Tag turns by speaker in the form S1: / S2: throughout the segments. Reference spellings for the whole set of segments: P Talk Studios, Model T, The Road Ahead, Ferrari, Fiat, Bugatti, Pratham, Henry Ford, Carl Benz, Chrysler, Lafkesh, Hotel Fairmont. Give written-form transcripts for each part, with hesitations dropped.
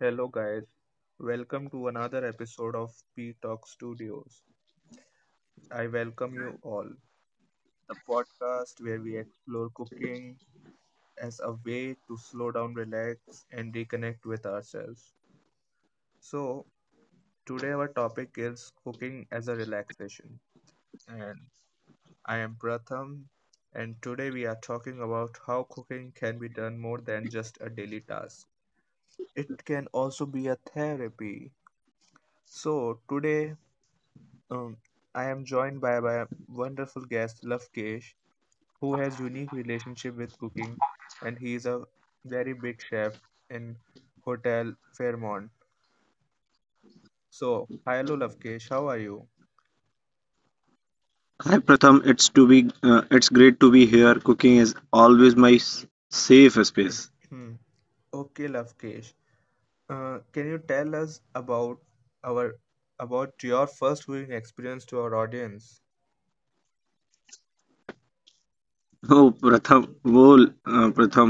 S1: Hello, guys. Welcome to another episode of P Talk Studios. I welcome you all, the podcast where we explore cooking as a way to slow down, relax, and reconnect with ourselves. So, today our topic is cooking as a relaxation, and I am Pratham. And today we are talking about how cooking can be done more than just a daily task. It can also be a therapy. So, today Um, I am joined by my wonderful guest Lafkesh, who has unique relationship with cooking, and he is a very big chef in Hotel Fairmont. So, hello Lafkesh, how are you?
S2: Hi Pratham, it's great to be here. Cooking is always my safe space.
S1: Hmm. Okay, Lafkesh. Can you tell us our about your first viewing experience to our audience?
S2: Oh Pratham, well, Pratham,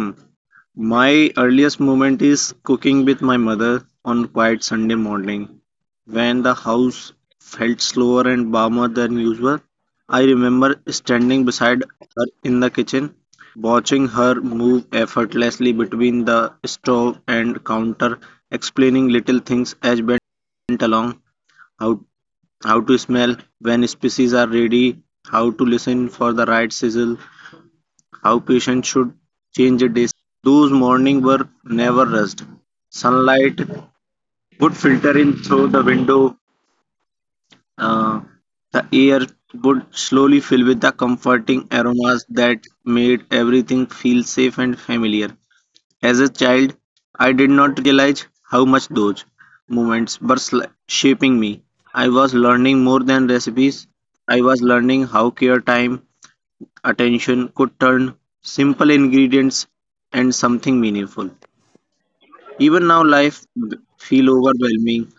S2: my earliest moment is cooking with my mother on quiet Sunday morning when the house felt slower and warmer than usual. I remember standing beside her in the kitchen, watching her move effortlessly between the stove and counter, explaining little things as went along. How how to smell when species are ready, how to listen for the right sizzle, how patient should change a dish. Those mornings were never rushed. Sunlight would filter in through the window. uh, the air would slowly fill with the comforting aromas that made everything feel safe and familiar. As a child, I did not realize how much those moments were shaping me. I was learning more than recipes. I was learning how care, time, attention could turn simple ingredients and something meaningful. Even now, life feel overwhelming.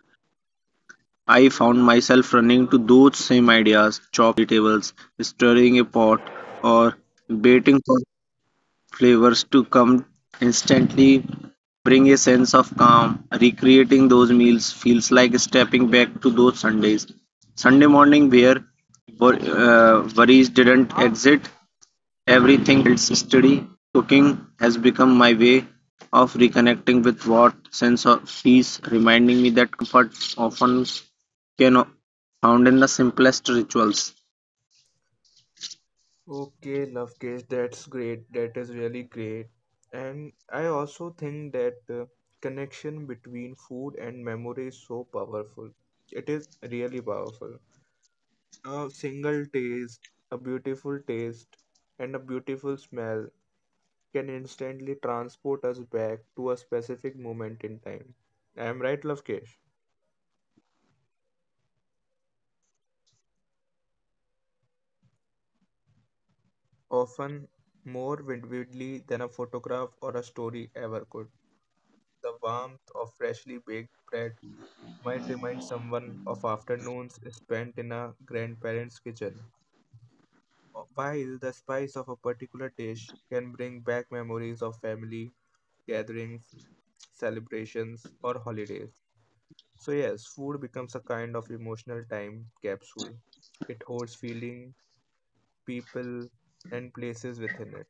S2: I found myself running to those same ideas, chopping vegetables, stirring a pot, or waiting for flavors to come instantly bring a sense of calm. Recreating those meals feels like stepping back to those Sundays. Sunday morning, where worries didn't exit, everything steady. Cooking has become my way of reconnecting with what sense of peace, reminding me that comfort often can found in the simplest rituals.
S1: Okay, Lovekesh, that's great. That is really great. And I also think that the connection between food and memory is so powerful. It is really powerful. A single taste, a beautiful taste, and a beautiful smell can instantly transport us back to a specific moment in time. I am right, Lovekesh? Often more vividly than a photograph or a story ever could. The warmth of freshly baked bread might remind someone of afternoons spent in a grandparent's kitchen, while the spice of a particular dish can bring back memories of family gatherings, celebrations, or holidays. So, yes, food becomes a kind of emotional time capsule. It holds feeling, people, and places within it.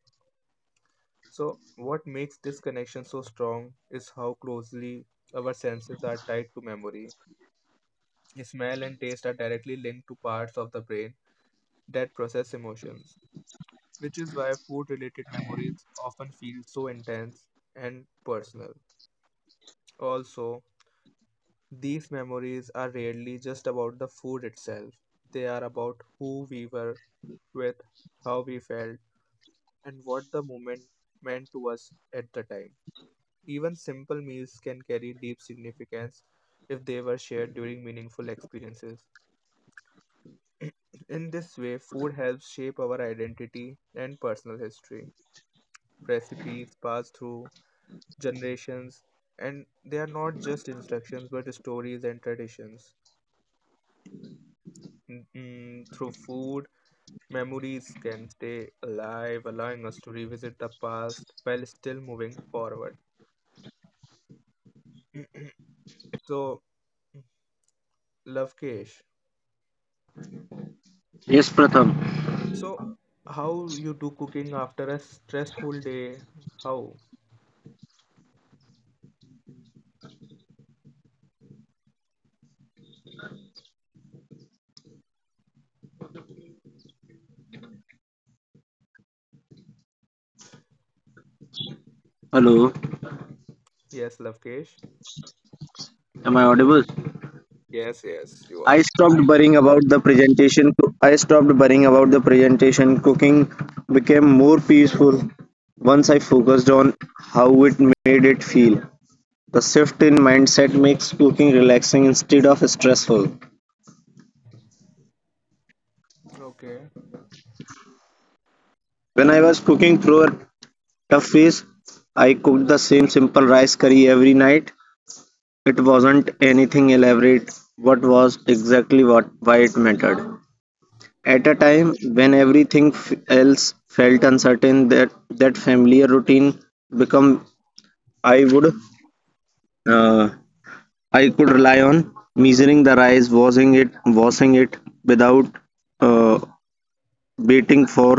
S1: So, what makes this connection so strong is how closely our senses are tied to memory. Smell and taste are directly linked to parts of the brain that process emotions, which is why food related memories often feel so intense and personal. Also, these memories are rarely just about the food itself, they are about who we were with, how we felt, and what the moment meant to us at the time. Even simple meals can carry deep significance if they were shared during meaningful experiences. In this way, food helps shape our identity and personal history. Recipes passed through generations, and they are not just instructions but stories and traditions. Through food, memories can stay alive, allowing us to revisit the past while still moving forward. Mm, mm. So, Lovekesh,
S2: Yes, Pratham.
S1: so how you do cooking after a stressful day? How?
S2: Hello,
S1: Yes, Lovekesh.
S2: am I audible?
S1: Yes, yes, you are.
S2: I stopped
S1: I.
S2: worrying
S1: know.
S2: about the presentation. I stopped worrying about the presentation. Cooking became more peaceful once I focused on how it made it feel. The shift in mindset makes cooking relaxing instead of stressful.
S1: Okay.
S2: When I was cooking through a tough phase, I cooked the same simple rice curry every night. It wasn't anything elaborate. What was exactly what why it mattered. At a time when everything else felt uncertain, that familiar routine become I would uh, I could rely on measuring the rice, washing it without uh, waiting for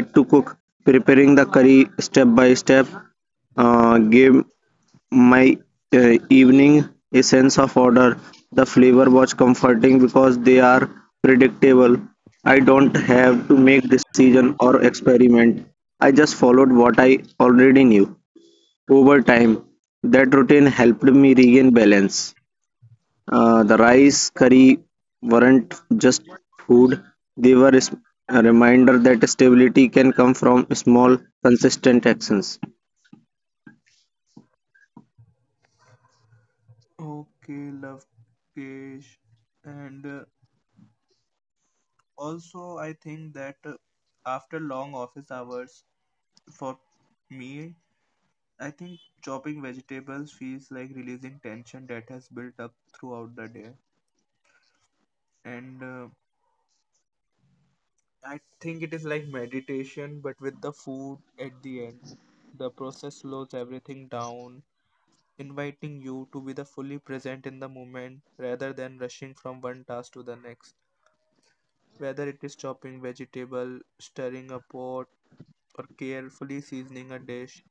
S2: it to cook, preparing the curry step by step. Gave my evening a sense of order. The flavor was comforting because they are predictable. I don't have to make decision or experiment. I just followed what I already knew. Over time, that routine helped me regain balance. The rice curry weren't just food; they were a reminder that stability can come from small, consistent actions.
S1: Okay, Lovekesh. And also, I think that after long office hours, for me, I think chopping vegetables feels like releasing tension that has built up throughout the day. And I think it is like meditation, but with the food at the end. The process slows everything down, inviting you to be the fully present in the moment rather than rushing from one task to the next. Whether it is chopping vegetable, stirring a pot, or carefully seasoning a dish,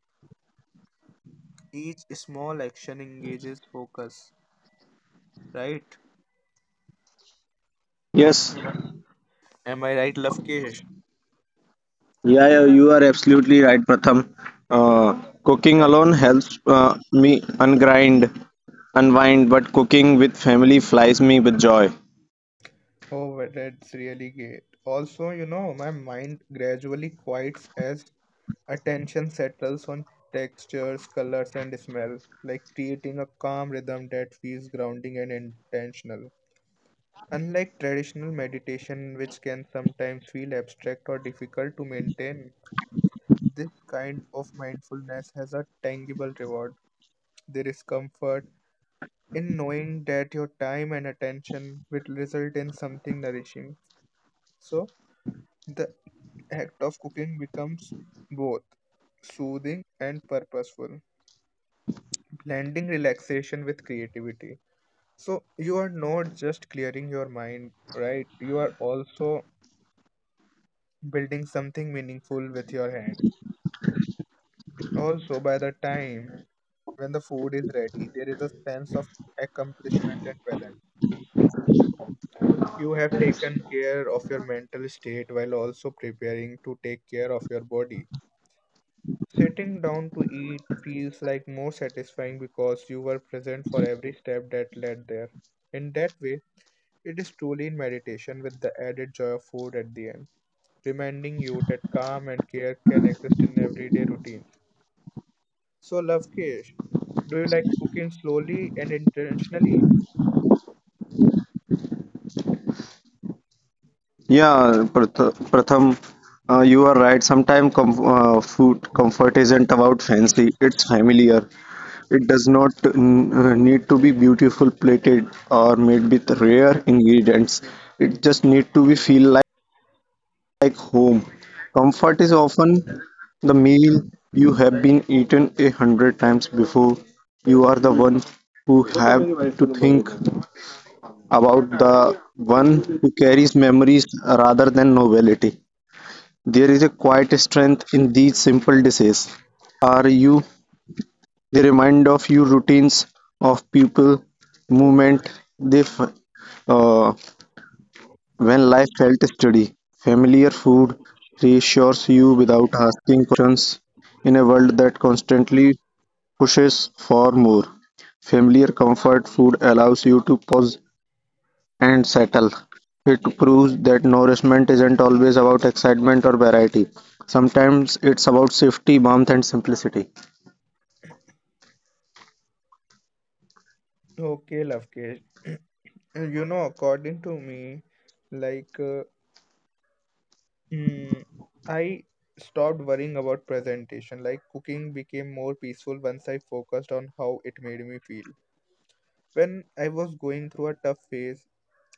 S1: each small action engages focus, right?
S2: Yes,
S1: Yeah. Am I right, Lovekesh?
S2: yeah, yeah, you are absolutely right, Pratham. Uh, cooking
S1: Eh,
S2: alone helps me unwind, but cooking with family flies me with joy.
S1: Oh, well, that's really great. Also, my mind gradually quiets as attention settles on textures, colors, and smell, like creating a calm rhythm that feels grounding and intentional. Unlike traditional meditation, which can sometimes feel abstract or difficult to maintain, this kind of mindfulness has a tangible reward. There is comfort in knowing that your time and attention will result in something nourishing. So, the act of cooking becomes both soothing and purposeful, blending relaxation with creativity. So, you are not just clearing your mind, right? You are also building something meaningful with your hands. Also, by the time when the food is ready, there is a sense of accomplishment and balance. You have taken care of your mental state while also preparing to take care of your body. Sitting down to eat feels like more satisfying because you were present for every step that led there. In that way, it is truly in meditation with the added joy of food at the end, reminding you that calm and care can exist in everyday routines. So, Lovekesh, do you like cooking slowly and intentionally?
S2: Yeah, Pratham, you are right. Sometimes food comfort isn't about fancy, it's familiar. It does not need to be beautiful plated or made with rare ingredients. It just need to be feel like home. Comfort is often the meal you have been eaten 100 times before. You are the one who have to think about the one who carries memories rather than novelty. There is a quiet strength in these simple dishes. Are you they remind of your routines, of pupil movement they f- uh, when life felt steady. Familiar food reassures you without asking questions in a world that constantly pushes for more. Familiar comfort food allows you to pause and settle. It proves that nourishment isn't always about excitement or variety. Sometimes it's about safety, warmth, and simplicity.
S1: Okay, Lovekesh. According to me, like Hmm, I stopped worrying about presentation. Like cooking became more peaceful once I focused on how it made me feel. When I was going through a tough phase,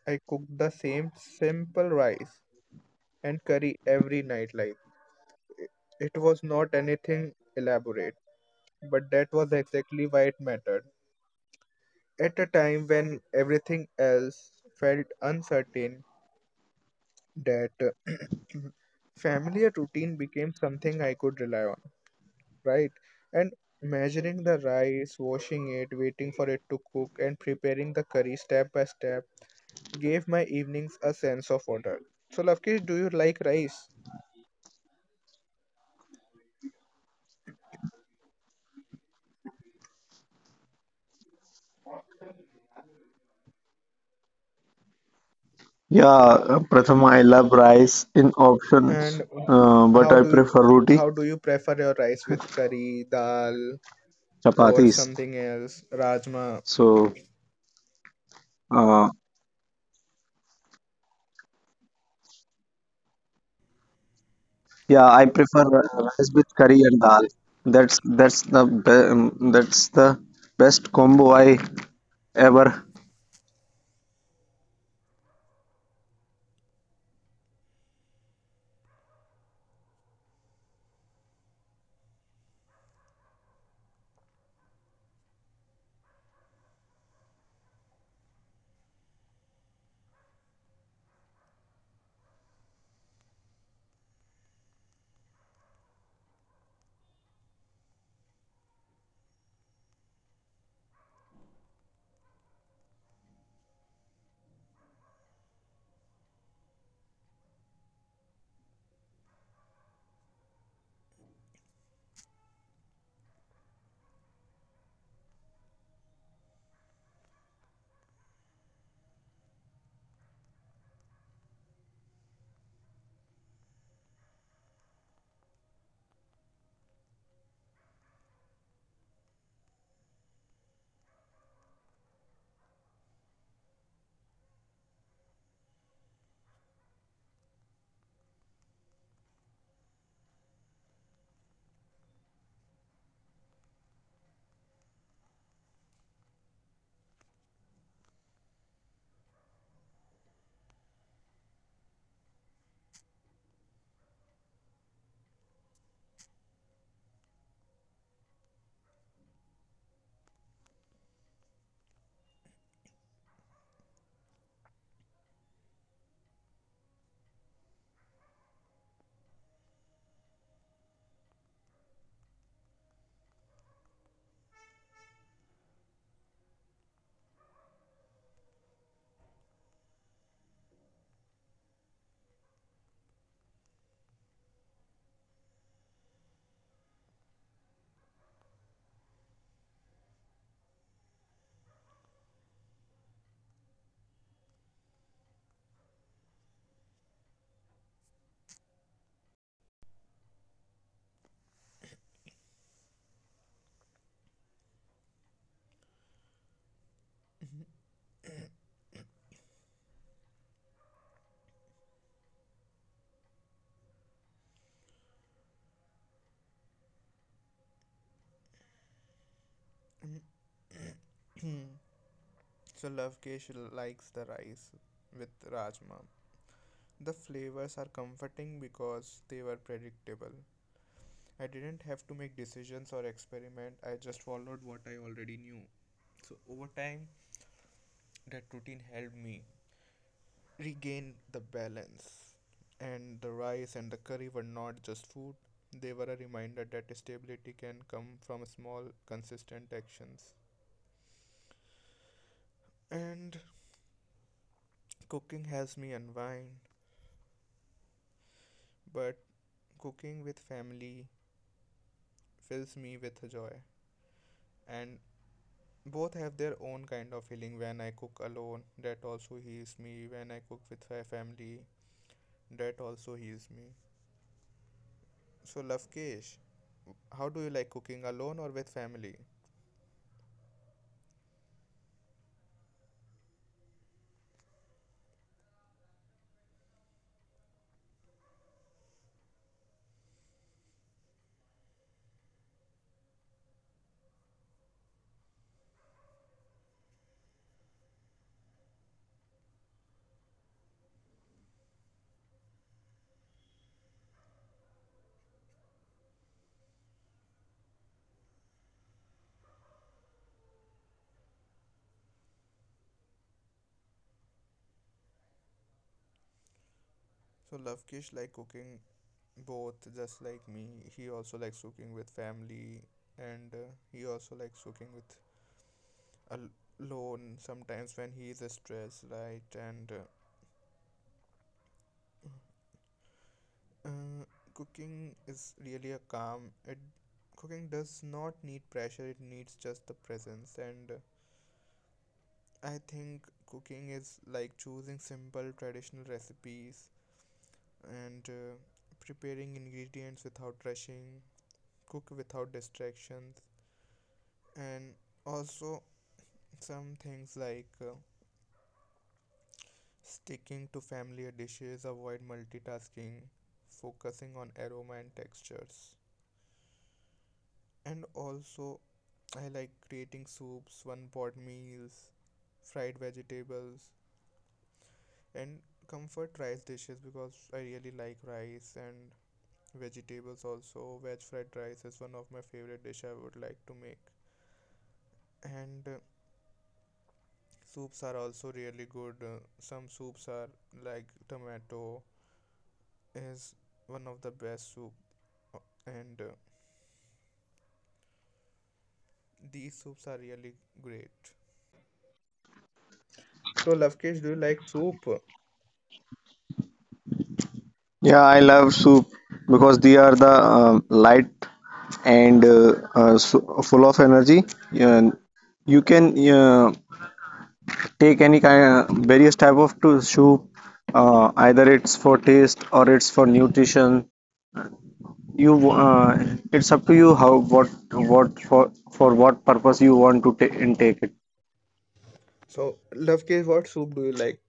S1: I cooked the same simple rice and curry every night. Like it, it was not anything elaborate, but that was exactly why it mattered. At a time when everything else felt uncertain, that familiar routine became something I could rely on, right? And measuring the rice, washing it, waiting for it to cook, and preparing the curry step by step gave my evenings a sense of order. So, Lavkesh, do you like rice?
S2: Yeah, Pratham, I love rice in options,
S1: And
S2: but
S1: how
S2: I
S1: do
S2: prefer
S1: how
S2: roti,
S1: do you prefer your rice with curry, dal, or
S2: chapatis.
S1: something else, rajma?
S2: So, uh, yeah, I prefer rice with curry and dal. That's the best combo I ever.
S1: So Lovekesh likes the rice with rajma. The flavors are comforting because they were predictable. I didn't have to make decisions or experiment, I just followed what I already knew. So over time, that routine helped me regain the balance. And the rice and the curry were not just food, they were a reminder that stability can come from small, consistent actions. And cooking helps me unwind, but cooking with family fills me with joy. And both have their own kind of feeling. When I cook alone, that also heals me. When I cook with my family, that also heals me. So, Lovekesh, how do you like cooking alone or with family? So Lovekesh, like cooking both just like me. He also likes cooking with family, and he also likes cooking with al- alone sometimes when he is stressed, right? And Uh, cooking is really a calm. It cooking does not need pressure. It needs just the presence. And I think cooking is like choosing simple traditional recipes and preparing ingredients without rushing, cook without distractions, and also some things like sticking to familiar dishes, avoid multitasking, focusing on aroma and textures, and also I like creating soups, one pot meals, fried vegetables, and comfort rice dishes because I really like rice and vegetables also. Veg fried rice is one of my favorite dish I would like to make. And soups are also really good. Some soups are like tomato is one of the best soup, and these soups are really great. So Lovekesh, do you like soup?
S2: Yeah, I love soup because they are the light and so full of energy. And you can take any kind of various type of to soup. Either it's for taste or it's for nutrition. You it's up to you how what for what purpose you want to intake it.
S1: So Lovekesh, what soup do you like?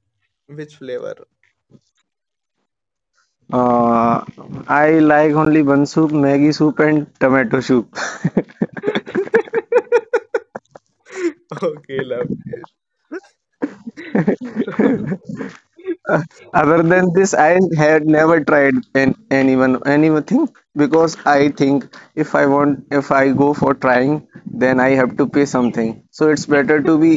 S1: Which flavor?
S2: Uh, I like only one soup, Maggi soup and tomato soup.
S1: Okay, love. So,
S2: Other than this, I had never tried an, anyone anything because I think if I go for trying, then I have to pay something. So it's better to be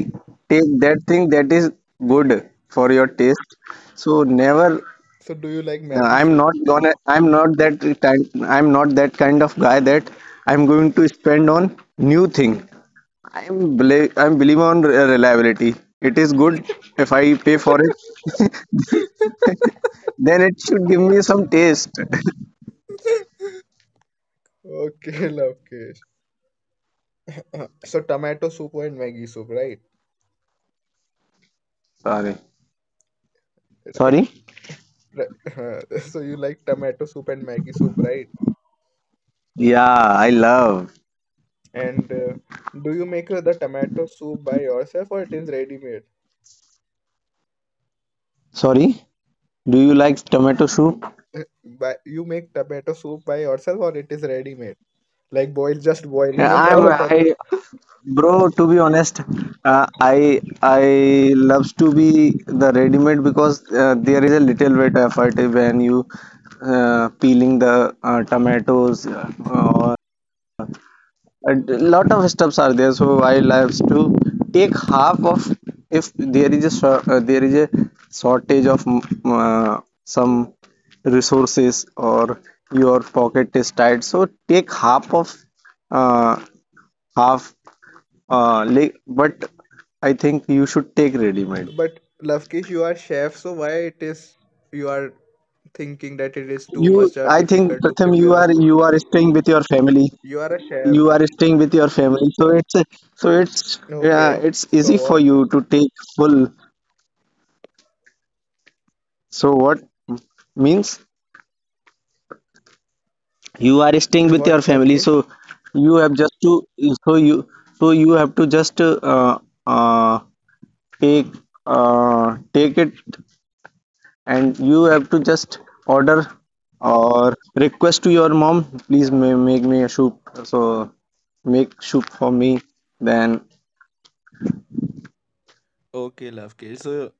S2: take that thing that is good for your taste. So never
S1: so do you like Maggie soup?
S2: I'm not that kind of guy that I'm going to spend on new thing. I'm believe on reliability. It is good if I pay for it, then it should give me some taste.
S1: Okay, love, Kesh. So tomato soup and Maggie soup, right?
S2: Sorry.
S1: Right,
S2: Sorry?
S1: right. So you like tomato soup and Maggie soup, right?
S2: Yeah, I love.
S1: And do you make the tomato soup by yourself or it is ready made?
S2: Sorry? Do you like tomato soup?
S1: By you make tomato soup by yourself or it is ready made? Like boil just boiling
S2: Yeah,
S1: in the water.
S2: bro. To be honest, I loves to be the ready-made because there is a little bit effort when you peeling the tomatoes or a lot of steps are there, so I like to take half of if there is a shortage of some resources or your pocket is tight, so take half of uh, half but I think you should take ready made.
S1: But Lavkesh, you are chef, so why it is you are thinking that it is too
S2: You
S1: much or
S2: I think
S1: difficult to
S2: Pratham,
S1: prepare a soup?
S2: you are staying with your family
S1: You are a chef.
S2: so so it's
S1: Okay.
S2: it's
S1: So
S2: easy for
S1: what
S2: you to take full. So what means you are staying with your
S1: what
S2: family, so
S1: Lavkesh?
S2: you have just to so you so you have to just uh, take take it and you have to just order or request to your mom, please make me a soup. So make soup for me. Then
S1: Okay, Lavkesh. So,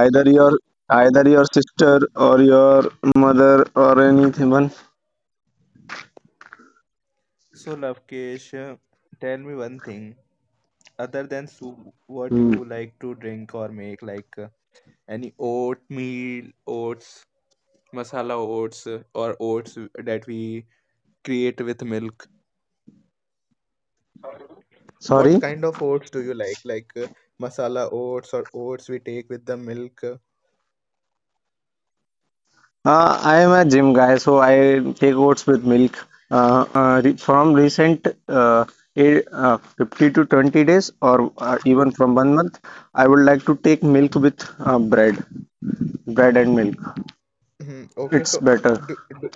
S2: either your either your sister or your mother or anyone.
S1: so Lavkesh, tell me one thing. Other than soup, what
S2: Hmm.
S1: you like to drink or make? Like any oatmeal, oats, masala oats, or oats that we create with milk. What
S2: Sorry.
S1: kind of oats do you like? Like masala oats or oats we take with the milk?
S2: I am a gym guy, so I take oats with milk. Re from recent 50 to 20 days, or even from 1 month, I would like to take milk with bread and milk.
S1: Mhm. Okay,
S2: It's
S1: so
S2: better.
S1: do, do,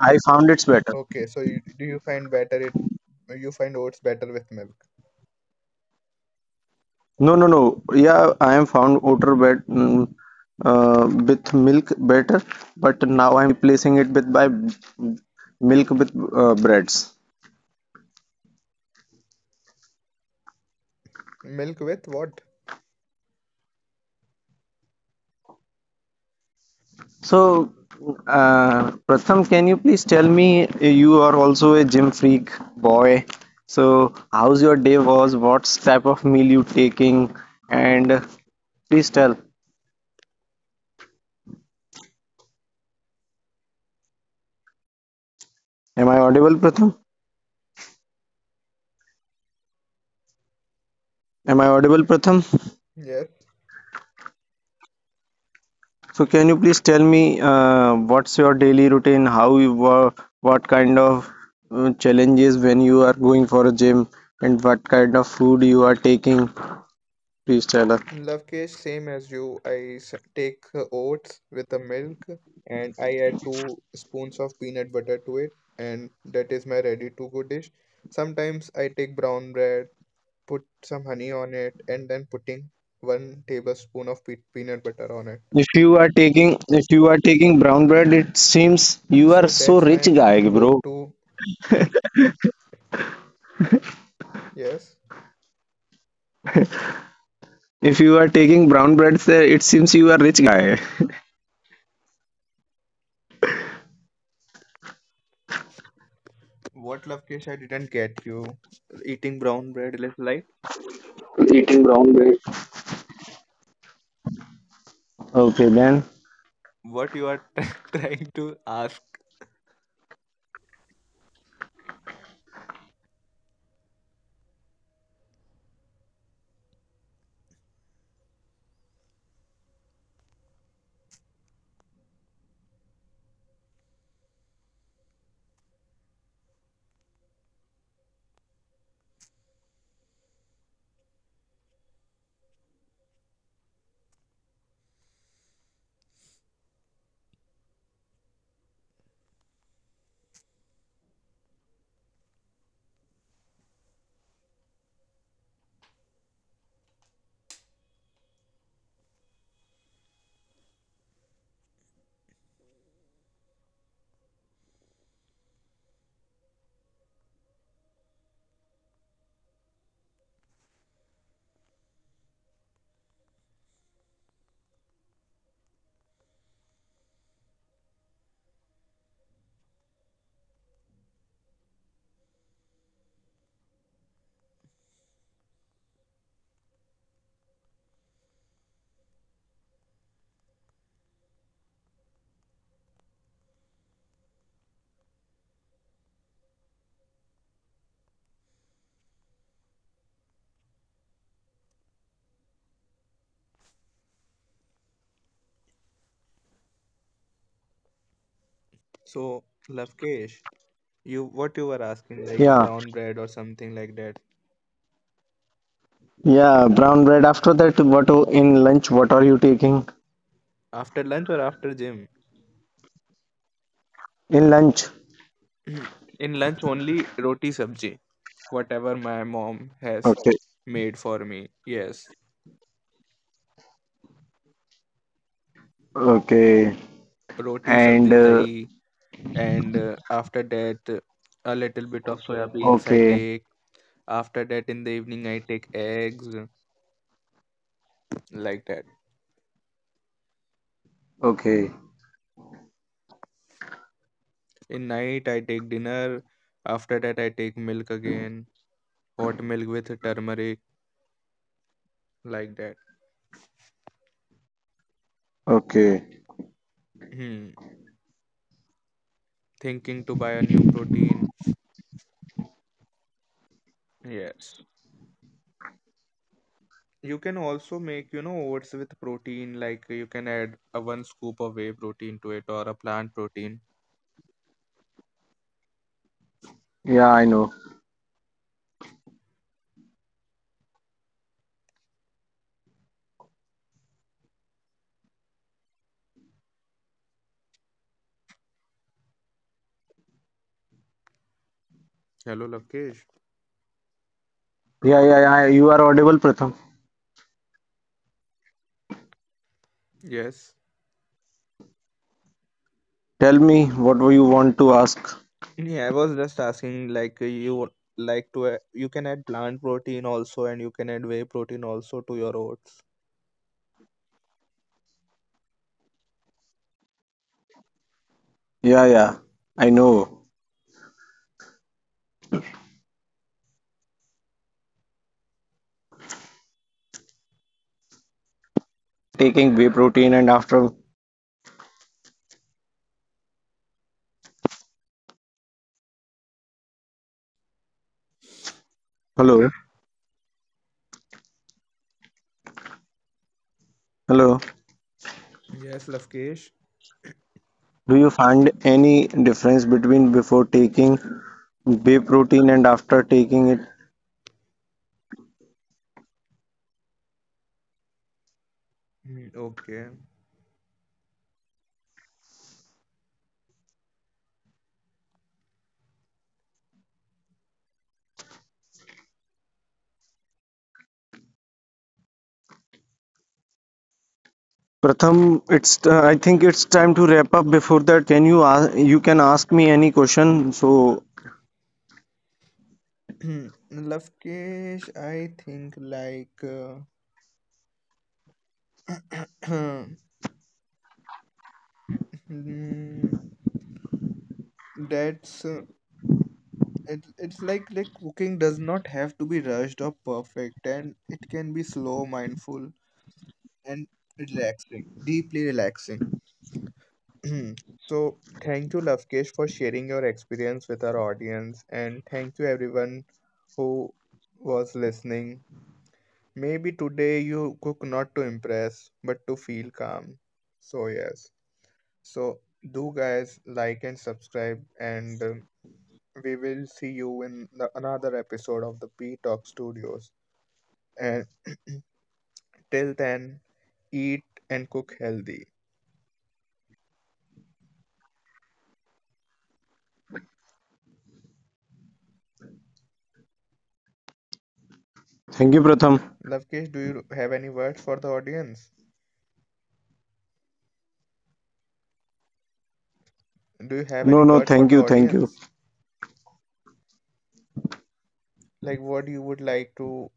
S2: I found it's better.
S1: okay, so do you find better it? You find oats better with milk?
S2: No, no, no. Yeah, I am found outer bread with milk better, but now I'm replacing it milk with breads.
S1: Milk with what?
S2: So, Pratham, can you please tell me you are also a gym freak boy. So, how's your day was? What type of meal you taking? And please tell. Am I audible, Pratham? Am I audible, Pratham?
S1: Yes,
S2: So, can you please tell me what's your daily routine? How you work? What kind of challenges when you are going for a gym? And what kind of food you are taking? Please tell us.
S1: love case same as you. I take oats with the milk and I add two spoons of peanut butter to it, and that is my ready to go dish. Sometimes I take brown bread, put some honey on it, and then putting one tablespoon of peanut butter on it.
S2: If you are taking brown bread, it seems you are
S1: So
S2: so
S1: that's my
S2: rich guy, bro.
S1: go-to. Yes.
S2: If you are taking brown bread, sir, it seems you are rich guy.
S1: What Lovekesh? I didn't get you. Eating brown bread is like
S2: Eating brown bread. Okay, then.
S1: what you are trying to ask. So Lovekesh, you what you were asking like
S2: Yeah,
S1: brown bread or something like that
S2: yeah, brown bread. After that, what in lunch? What are you taking
S1: after lunch or after gym?
S2: in lunch?
S1: In lunch only roti sabji, whatever my mom has
S2: Okay,
S1: made for me. Yes,
S2: okay,
S1: roti sabji
S2: and
S1: dahi and after that a little bit of soya. Okay. Beans I
S2: okay,
S1: take. After that in the evening I take eggs like that.
S2: okay,
S1: In night I take dinner, after that I take milk again, hot milk with turmeric like that.
S2: okay.
S1: Hmm. Thinking to buy a new protein. Yes, you can also make oats with protein, like you can add a one scoop of whey protein to it or a plant protein.
S2: Yeah, I know.
S1: Hello Lavkesh.
S2: Yeah, yeah, yeah. You are audible, Pratham.
S1: Yes.
S2: Tell me what you want to ask.
S1: Yeah, I was just asking like you would like to you can add plant protein also and you can add whey protein also to your oats.
S2: Yeah, yeah, I know. Taking whey protein and after? Hello, hello.
S1: Yes, Lafkesh.
S2: Do you find any difference between before taking whey protein and after taking it,
S1: Mm. Okay.
S2: Pratham? It's I think it's time to wrap up. Before that, can you ask you can ask me any question. So
S1: Lovekesh, I think like mm, that's it's like cooking does not have to be rushed or perfect, and it can be slow, mindful and relaxing, deeply relaxing. So, thank you, Lavkesh, for sharing your experience with our audience, and thank you, everyone who was listening. Maybe today you cook not to impress, but to feel calm. So, yes. So, do guys like and subscribe, and we will see you in another episode of the P Talk Studios. And till then, eat and cook healthy.
S2: thank you, Pratham.
S1: Lavkesh, do you have any words for the audience? Do you have
S2: No,
S1: any
S2: no,
S1: word for
S2: thank
S1: the
S2: you, thank you.
S1: audience? Like what you would like to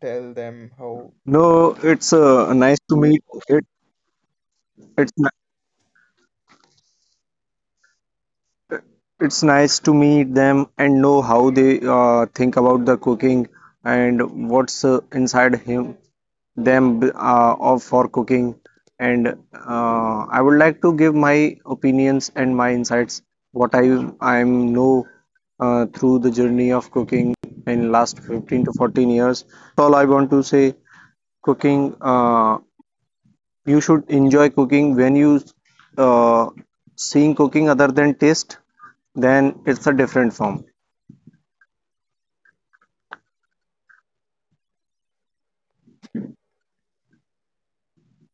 S1: tell them how.
S2: No, it's nice to meet it it's ni- it's nice to meet them and know how they think about the cooking and what's inside him them of for cooking, and I would like to give my opinions and my insights what I know through the journey of cooking in last 15 to 14 years. All I want to say, cooking you should enjoy cooking when you uh, seeing cooking other than taste, then it's a different form.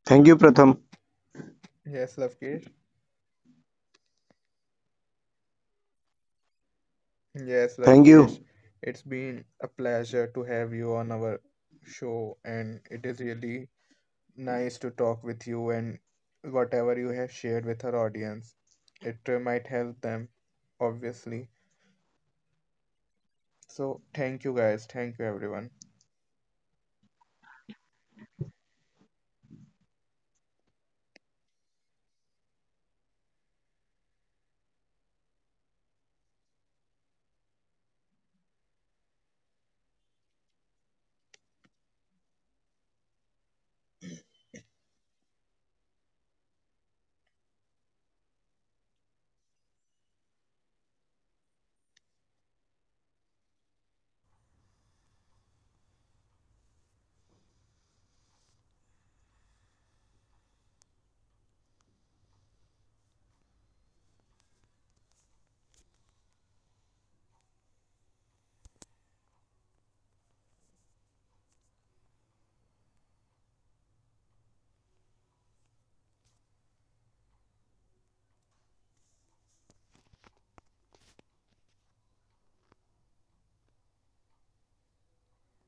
S2: Thank you, Pratham.
S1: Yes, Lavkesh. Yes,
S2: Thank
S1: Lavkesh.
S2: you.
S1: It's been a pleasure to have you on our show and it is really nice to talk with you and whatever you have shared with our audience. It might help them, obviously. So thank you guys. Thank you everyone.